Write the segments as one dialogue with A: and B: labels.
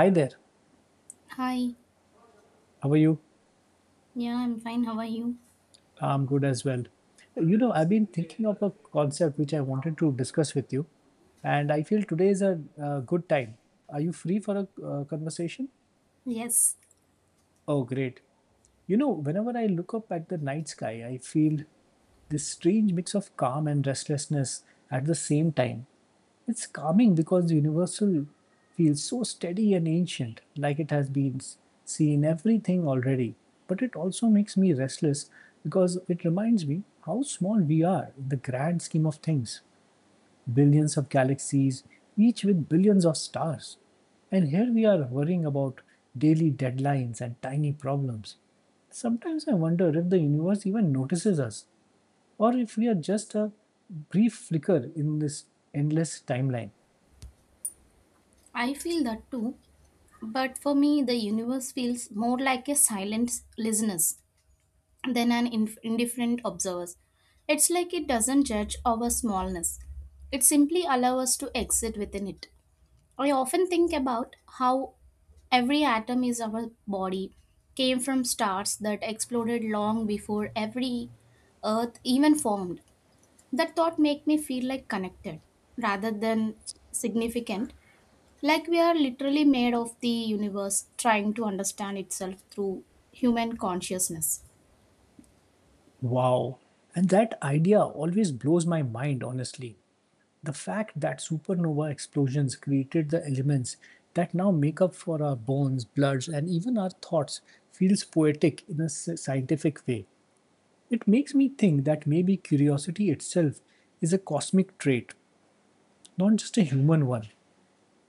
A: Hi there.
B: Hi,
A: How are you?
B: yeah, I'm fine. How are you?
A: I'm good as well. You know, I've been thinking of a concept which I wanted to discuss with you, and I feel today is a good time. Are you free for a conversation?
B: Yes,
A: Oh, great. You know, whenever I look up at the night sky, I feel this strange mix of calm and restlessness at the same time. It's calming because the universal feels so steady and ancient, like it has been seen everything already. But it also makes me restless because it reminds me how small we are in the grand scheme of things billions of galaxies, each with billions of stars. And here we are worrying about daily deadlines and tiny problems. Sometimes I wonder if the universe even notices us, or if we are just a brief flicker in this endless timeline.
B: I feel that too. But for me, the universe feels more like a silent listener than an indifferent observer. It's like it doesn't judge our smallness, it simply allows us to exist within it. I often think about how every atom is our body came from stars that exploded long before every earth even formed. That thought make me feel like connected rather than significant, like we are literally made of the universe trying to understand itself through human consciousness.
A: Wow. And that idea always blows my mind, honestly. The fact that supernova explosions created the elements that now make up for our bones, bloods, and even our thoughts feels poetic in a scientific way. It makes me think that maybe curiosity itself is a cosmic trait, not just a human one.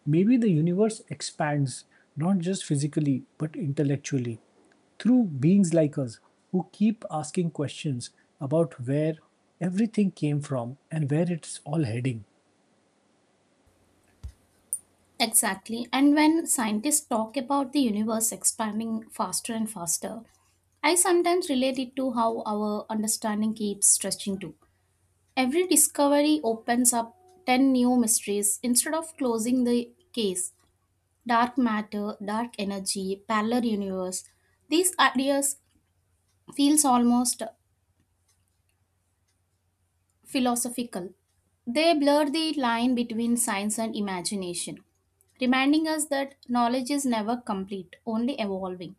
A: Maybe the universe expands not just physically but intellectually through beings like us who keep asking questions about where everything came from and where it's all heading.
B: Exactly. And when scientists talk about the universe expanding faster and faster, I sometimes relate it to how our understanding keeps stretching too. Every discovery opens up 10 new mysteries instead of closing the case. Dark matter, dark energy, parallel universe. These ideas feels almost philosophical. They blur the line between science and imagination, reminding us that knowledge is never complete, only evolving.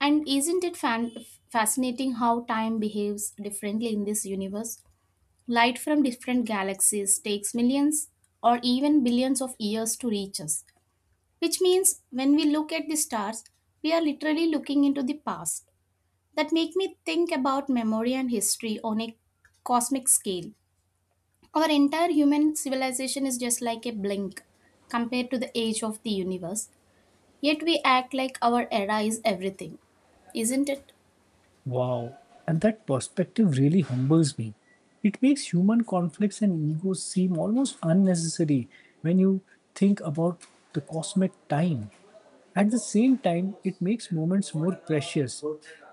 B: And isn't it fascinating how time behaves differently in this universe? Light from different galaxies takes millions or even billions of years to reach us, which means when we look at the stars we are literally looking into the past. That make me think about memory and history on a cosmic scale. Our entire human civilization is just like a blink compared to the age of the universe, yet we act like our era is everything, isn't it?
A: Wow, and that perspective really humbles me. It makes human conflicts and egos seem almost unnecessary when you think about the cosmic time. At the same time, it makes moments more precious.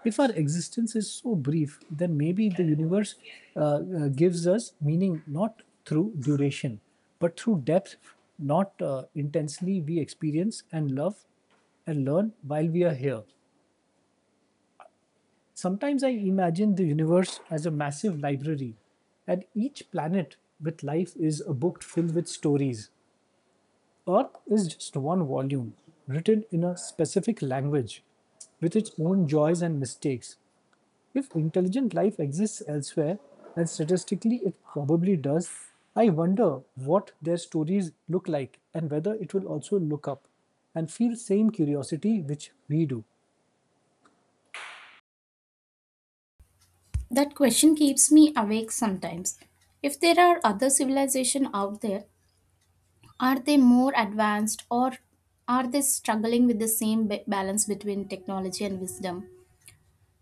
A: If our existence is so brief, then maybe the universe uh, uh, gives us meaning not through duration, but through depth, not intensely we experience and love and learn while we are here. Sometimes I imagine the universe as a massive library, and each planet with life is a book filled with stories. Earth is just one volume, written in a specific language, with its own joys and mistakes. If intelligent life exists elsewhere, and statistically it probably does, I wonder what their stories look like and whether it will also look up and feel the same curiosity which we do.
B: That question keeps me awake sometimes. If there are other civilizations out there, are they more advanced, or are they struggling with the same balance between technology and wisdom?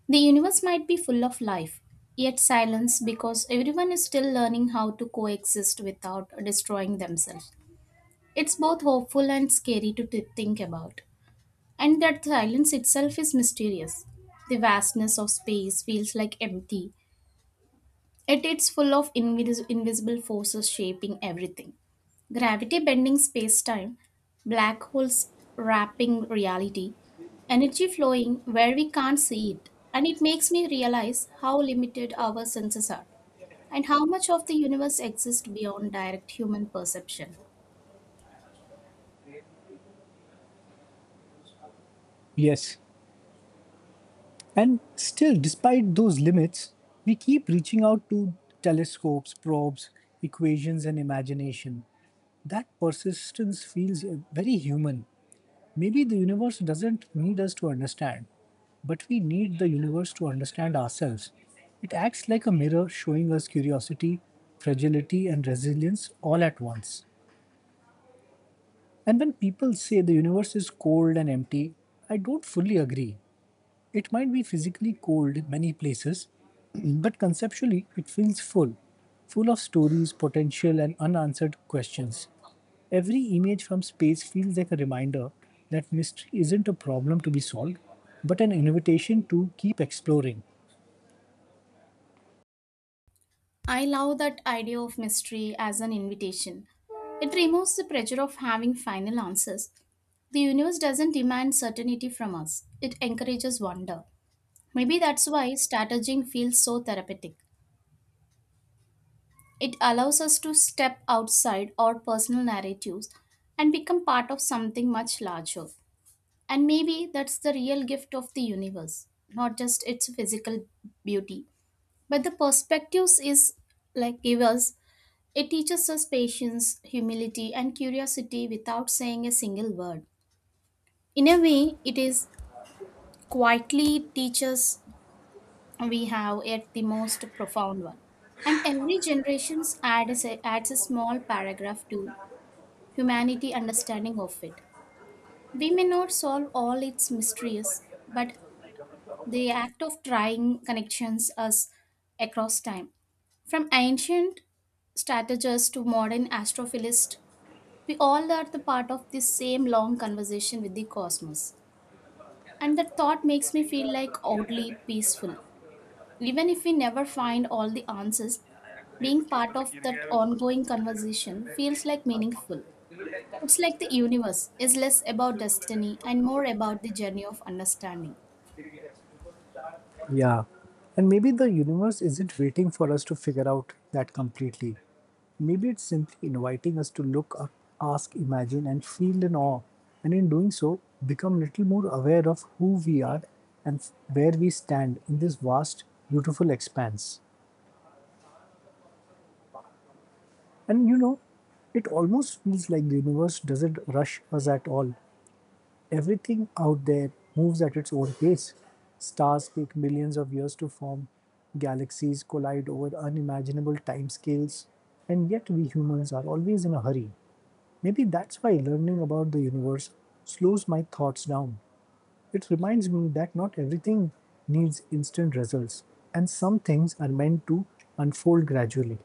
B: The universe might be full of life, yet silence because everyone is still learning how to coexist without destroying themselves. It's both hopeful and scary to think about. And that silence itself is mysterious. The vastness of space feels like empty, yet it's full of invisible forces shaping everything. Gravity bending space time, black holes wrapping reality, energy flowing where we can't see it. And it makes me realize how limited our senses are and how much of the universe exists beyond direct human perception.
A: Yes. And still, despite those limits, we keep reaching out to telescopes, probes, equations, and imagination. That persistence feels very human. Maybe the universe doesn't need us to understand, but we need the universe to understand ourselves. It acts like a mirror showing us curiosity, fragility, and resilience all at once. And when people say the universe is cold and empty, I don't fully agree. It might be physically cold in many places, but conceptually it feels full, full of stories, potential, and unanswered questions. Every image from space feels like a reminder that mystery isn't a problem to be solved, but an invitation to keep exploring.
B: I love that idea of mystery as an invitation. It removes the pressure of having final answers. The universe doesn't demand certainty from us, it encourages wonder. Maybe that's why strategizing feels so therapeutic. It allows us to step outside our personal narratives and become part of something much larger. And maybe that's the real gift of the universe, not just its physical beauty, but the perspectives is like give us. It teaches us patience, humility, and curiosity without saying a single word. In a way, it is quietly teaches we have yet the most profound one. And every generation adds a small paragraph to humanity understanding of it. We may not solve all its mysteries, but the act of trying connections us across time. From ancient strategists to modern astrophilists, we all are the part of this same long conversation with the cosmos. And that thought makes me feel like oddly peaceful. Even if we never find all the answers, being part of that ongoing conversation feels like meaningful. It's like the universe is less about destiny and more about the journey of understanding.
A: Yeah. And maybe the universe isn't waiting for us to figure out that completely. Maybe it's simply inviting us to look up, ask, imagine, and feel in awe. And in doing so, become little more aware of who we are and where we stand in this vast, beautiful expanse. And you know, it almost feels like the universe doesn't rush us at all. Everything out there moves at its own pace. Stars take millions of years to form, galaxies collide over unimaginable timescales, and yet we humans are always in a hurry. Maybe that's why learning about the universe slows my thoughts down. It reminds me that not everything needs instant results, and some things are meant to unfold gradually.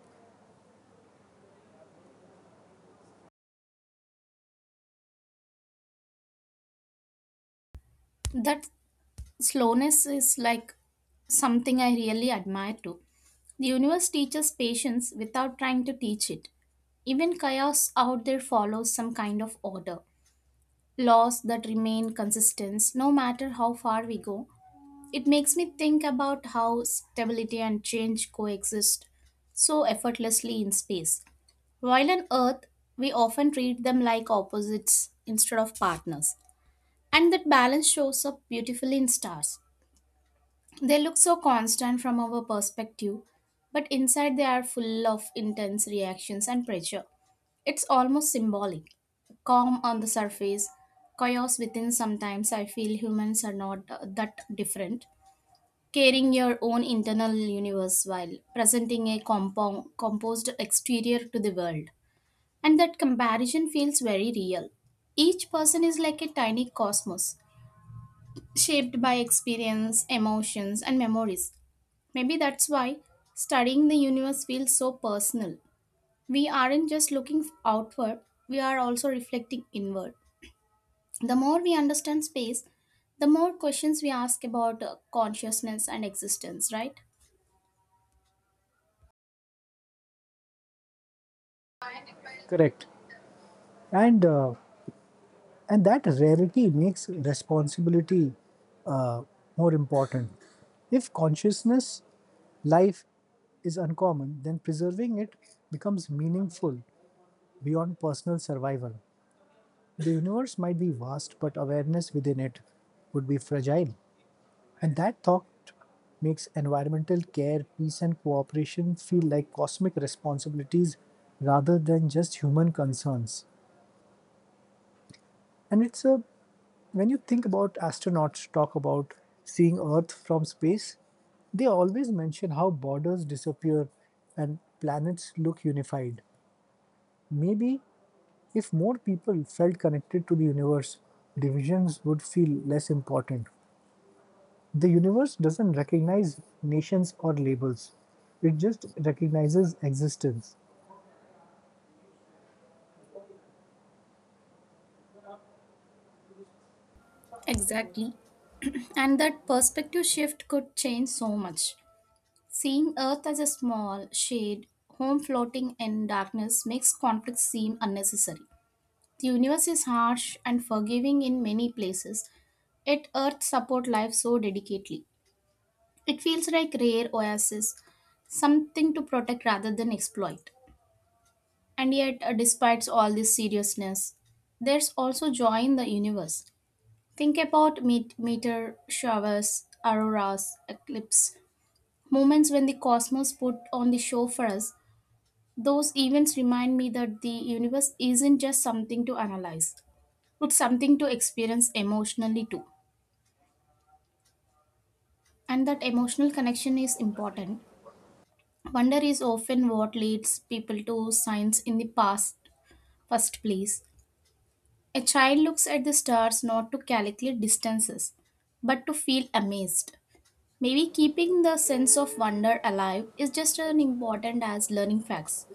B: That slowness is like something I really admire too. The universe teaches patience without trying to teach it. Even chaos out there follows some kind of order, laws that remain consistent no matter how far we go. It makes me think about how stability and change coexist so effortlessly in space. While on Earth, we often treat them like opposites instead of partners. And that balance shows up beautifully in stars. They look so constant from our perspective, but inside they are full of intense reactions and pressure. It's almost symbolic. Calm on the surface, chaos within. Sometimes I feel humans are not that different. Caring your own internal universe while presenting a composed exterior to the world. And that comparison feels very real. Each person is like a tiny cosmos, shaped by experience, emotions, and memories. Maybe that's why studying the universe feels so personal. We aren't just looking outward, we are also reflecting inward. The more we understand space, the more questions we ask about consciousness and existence, right?
A: Correct. And uh, and that rarity makes responsibility uh, more important. If consciousness life is uncommon, then preserving it becomes meaningful beyond personal survival. The universe might be vast, but awareness within it would be fragile. And that thought makes environmental care, peace, and cooperation feel like cosmic responsibilities rather than just human concerns. And it's a when you think about astronauts talk about seeing Earth from space, they always mention how borders disappear and planets look unified. Maybe if more people felt connected to the universe, divisions would feel less important. The universe doesn't recognize nations or labels, it just recognizes existence.
B: Exactly. And that perspective shift could change so much. Seeing Earth as a small, shade, home floating in darkness makes conflict seem unnecessary. The universe is harsh and forgiving in many places, yet Earth support life so dedicatedly. It feels like rare oasis, something to protect rather than exploit. And yet, despite all this seriousness, there's also joy in the universe. Think about meteor showers, auroras, eclipse, moments when the cosmos put on the show for us. Those events remind me that the universe isn't just something to analyze, it's something to experience emotionally too. And that emotional connection is important. Wonder is often what leads people to science in the past, first place. A child looks at the stars not to calculate distances, but to feel amazed. Maybe keeping the sense of wonder alive is just as important as learning facts,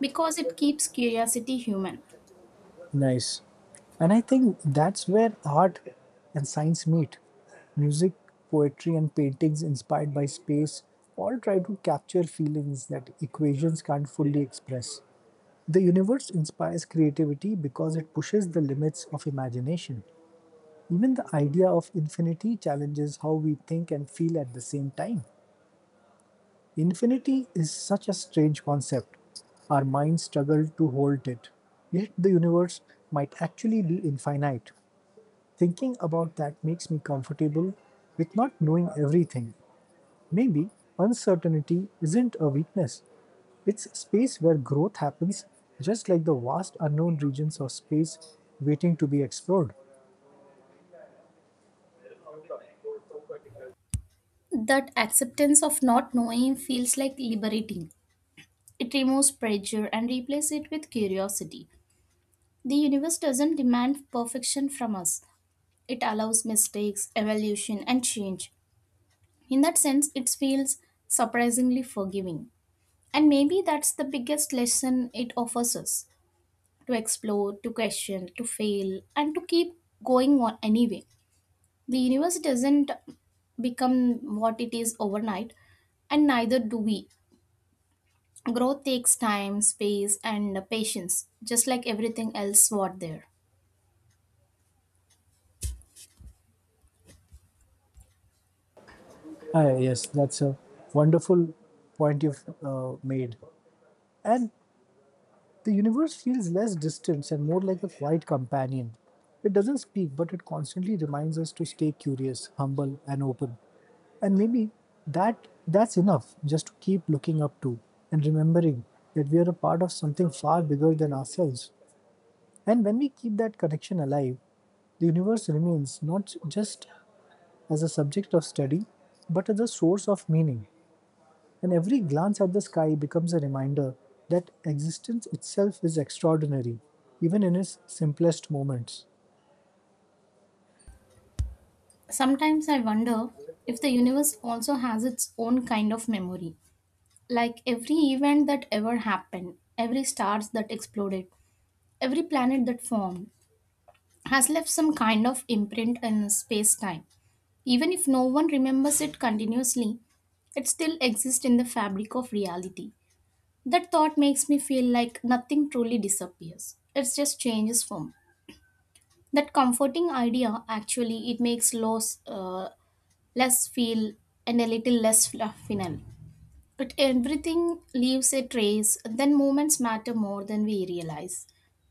B: because it keeps curiosity human.
A: Nice. And I think that's where art and science meet. Music, poetry, and paintings inspired by space all try to capture feelings that equations can't fully express. The universe inspires creativity because it pushes the limits of imagination. Even the idea of infinity challenges how we think and feel at the same time. Infinity is such a strange concept. Our minds struggle to hold it. Yet the universe might actually be infinite. Thinking about that makes me comfortable with not knowing everything. Maybe uncertainty isn't a weakness, it's a space where growth happens, just like the vast unknown regions of space waiting to be explored.
B: That acceptance of not knowing feels like liberating. It removes pressure and replaces it with curiosity. The universe doesn't demand perfection from us, it allows mistakes, evolution, and change. In that sense, it feels surprisingly forgiving. And maybe that's the biggest lesson it offers us, to explore, to question, to fail, and to keep going on anyway. The universe doesn't become what it is overnight, and neither do we. Growth takes time, space, and patience, just like everything else what there.
A: Ah, yes, that's a wonderful point you've made. And the universe feels less distant and more like a quiet companion. It doesn't speak, but it constantly reminds us to stay curious, humble, and open. And maybe that's enough just to keep looking up to and remembering that we are a part of something far bigger than ourselves. And when we keep that connection alive, the universe remains not just as a subject of study, but as a source of meaning, and every glance at the sky becomes a reminder that existence itself is extraordinary, even in its simplest moments.
B: Sometimes I wonder if the universe also has its own kind of memory. Like every event that ever happened, every stars that exploded, every planet that formed has left some kind of imprint in space-time. Even if no one remembers it continuously, it still exists in the fabric of reality. That thought makes me feel like nothing truly disappears. It just changes form. That comforting idea actually it makes loss less feel and a little less final. But everything leaves a trace. Then moments matter more than we realize.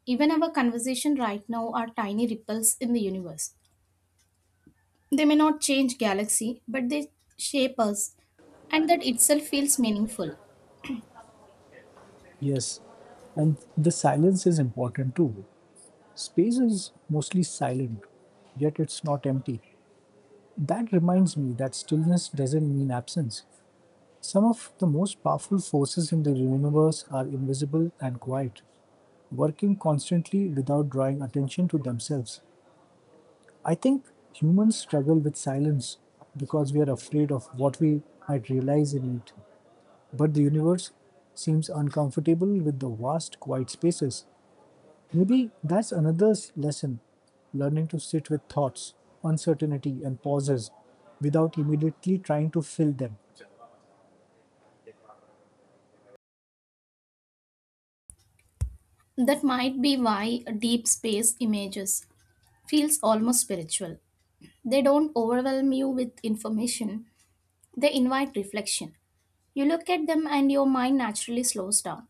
B: Even our conversation right now are tiny ripples in the universe. They may not change galaxy, but they shape us, and that itself feels meaningful.
A: Yes, and the silence is important too. Space is mostly silent, yet it's not empty. That reminds me that stillness doesn't mean absence. Some of the most powerful forces in the universe are invisible and quiet, working constantly without drawing attention to themselves. I think humans struggle with silence because we are afraid of what we might realize in it. But the universe seems uncomfortable with the vast, quiet spaces. Maybe that's another lesson learning to sit with thoughts, uncertainty, and pauses without immediately trying to fill them.
B: That might be why deep space images feels almost spiritual. They don't overwhelm you with information, they invite reflection. You look at them and your mind naturally slows down,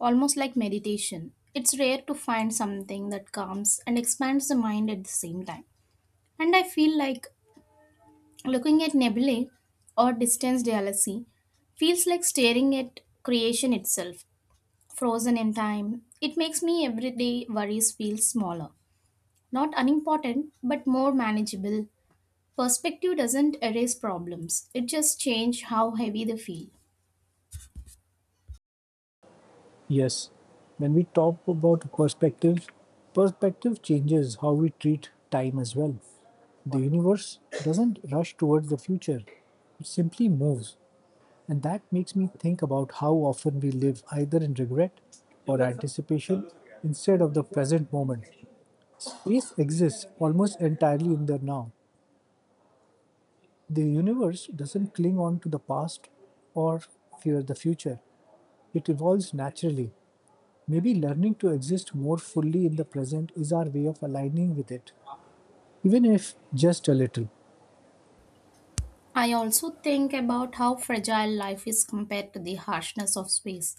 B: almost like meditation. It's rare to find something that calms and expands the mind at the same time. And I feel like looking at nebulae or distant galaxy feels like staring at creation itself, frozen in time. It makes me everyday worries feel smaller, not unimportant, but more manageable. Perspective doesn't erase problems, it just changes how heavy they feel.
A: Yes, when we talk about perspective, perspective changes how we treat time as well. The universe doesn't rush towards the future, it simply moves. And that makes me think about how often we live either in regret or anticipation instead of the present moment. Space exists almost entirely in the now. The universe doesn't cling on to the past or fear the future, it evolves naturally. Maybe learning to exist more fully in the present is our way of aligning with it, even if just a little.
B: I also think about how fragile life is compared to the harshness of space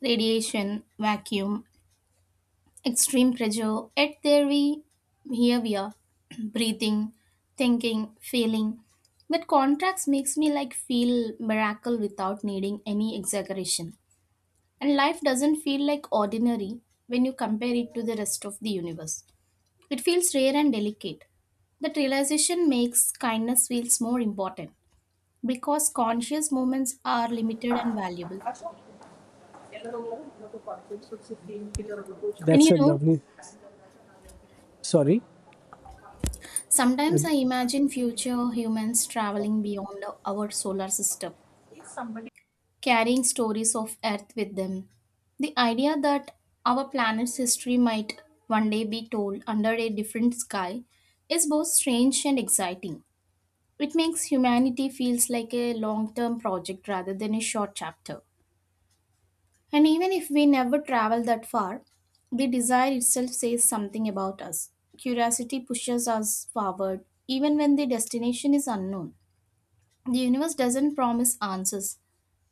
B: radiation, vacuum, extreme pressure. Yet here we are, breathing, thinking, feeling. But contrast makes me like feel miracle without needing any exaggeration. And life doesn't feel like ordinary when you compare it to the rest of the universe. It feels rare and delicate. That realization makes kindness feels more important because conscious moments are limited and valuable. And you
A: That's a
B: know,
A: lovely. Sorry.
B: sometimes I imagine future humans traveling beyond our solar system, carrying stories of Earth with them. The idea that our planet's history might one day be told under a different sky is both strange and exciting. It makes humanity feels like a long-term project rather than a short chapter. And even if we never travel that far, the desire itself says something about us. Curiosity pushes us forward, even when the destination is unknown. The universe doesn't promise answers,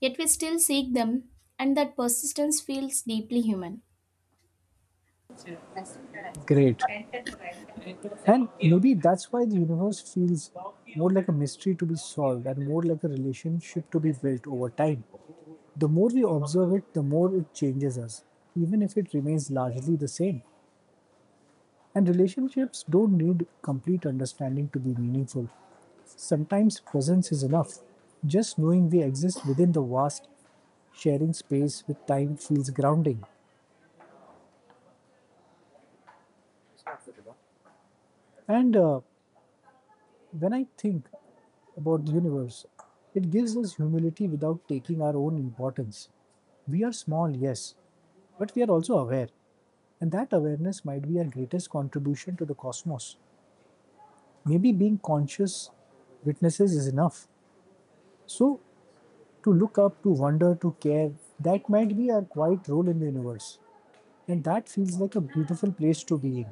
B: yet we still seek them, and that persistence feels deeply human.
A: Great. And maybe that's why the universe feels more like a mystery to be solved and more like a relationship to be built over time. The more we observe it, the more it changes us, even if it remains largely the same. And relationships don't need complete understanding to be meaningful. Sometimes presence is enough. Just knowing we exist within the vast sharing space with time feels grounding. And when I think about the universe, it gives us humility without taking our own importance. We are small, yes, but we are also aware, and that awareness might be our greatest contribution to the cosmos. Maybe being conscious witnesses is enough. So, to look up, to wonder, to care, that might be our quiet role in the universe. And that feels like a beautiful place to be in.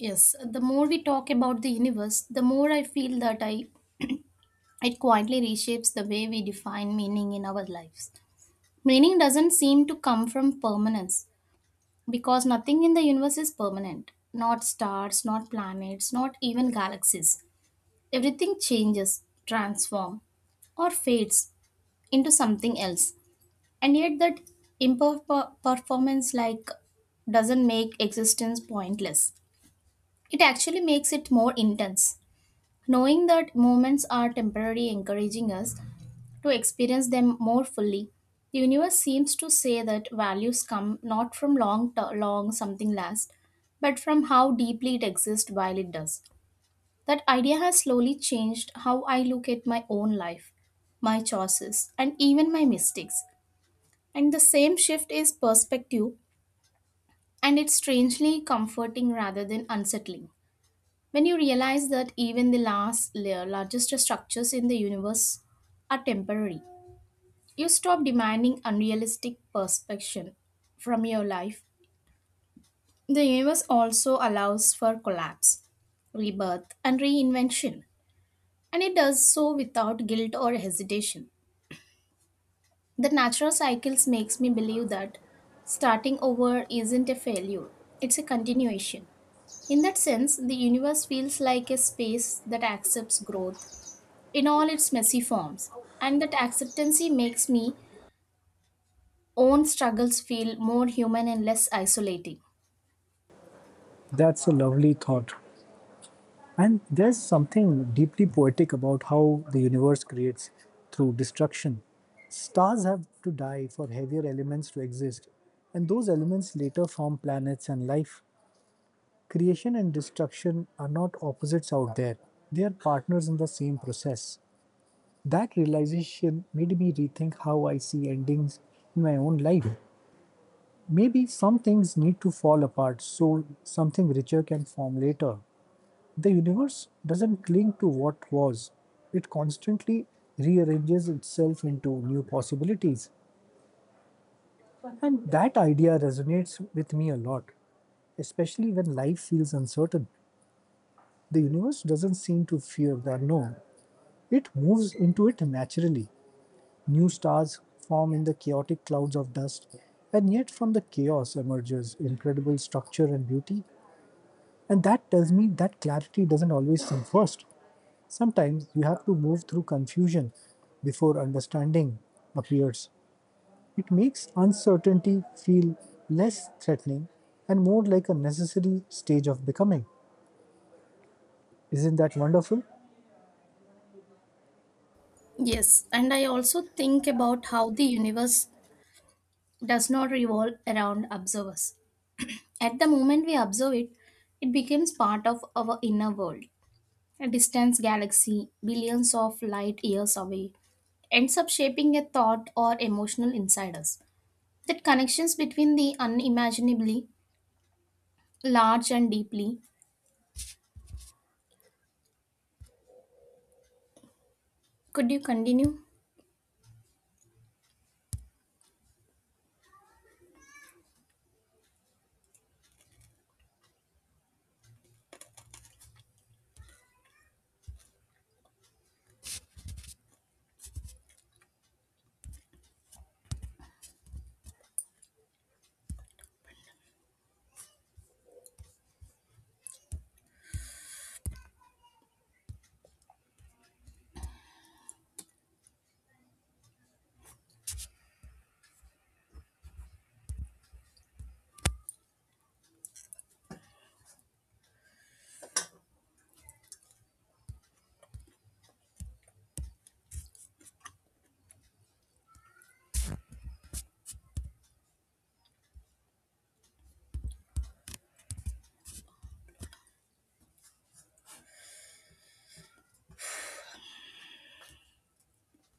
B: Yes, the more we talk about the universe, the more I feel that I it quietly reshapes the way we define meaning in our lives. Meaning doesn't seem to come from permanence, because nothing in the universe is permanent. Not stars, not planets, not even galaxies. Everything changes, transforms, or fades into something else. And yet that imperformance like doesn't make existence pointless. It actually makes it more intense. Knowing that moments are temporary encouraging us to experience them more fully. The universe seems to say that values come not from long something lasts, but from how deeply it exists while it does. That idea has slowly changed how I look at my own life, my choices, and even my mistakes. And the same shift is perspective, and it's strangely comforting rather than unsettling. When you realize that even the last, largest structures in the universe are temporary, you stop demanding unrealistic perfection from your life. The universe also allows for collapse, rebirth, and reinvention, and it does so without guilt or hesitation. The natural cycles makes me believe that starting over isn't a failure, it's a continuation. In that sense, the universe feels like a space that accepts growth in all its messy forms, and that acceptancy makes me own struggles feel more human and less isolating.
A: That's a lovely thought. And there's something deeply poetic about how the universe creates through destruction. Stars have to die for heavier elements to exist, and those elements later form planets and life. Creation and destruction are not opposites out there, they are partners in the same process. That realization made me rethink how I see endings in my own life. Maybe some things need to fall apart so something richer can form later. The universe doesn't cling to what was, it constantly rearranges itself into new possibilities. And that idea resonates with me a lot, especially when life feels uncertain. The universe doesn't seem to fear the unknown, it moves into it naturally. New stars form in the chaotic clouds of dust, and yet from the chaos emerges incredible structure and beauty. And that tells me that clarity doesn't always come first. Sometimes you have to move through confusion before understanding appears. It makes uncertainty feel less threatening and more like a necessary stage of becoming. Isn't that wonderful?
B: Yes, and I also think about how the universe does not revolve around observers. At the moment we observe it, it becomes part of our inner world. A distant galaxy, billions of light years away, ends up shaping a thought or emotional inside us. That connections between the unimaginably large and deeply. Could you continue?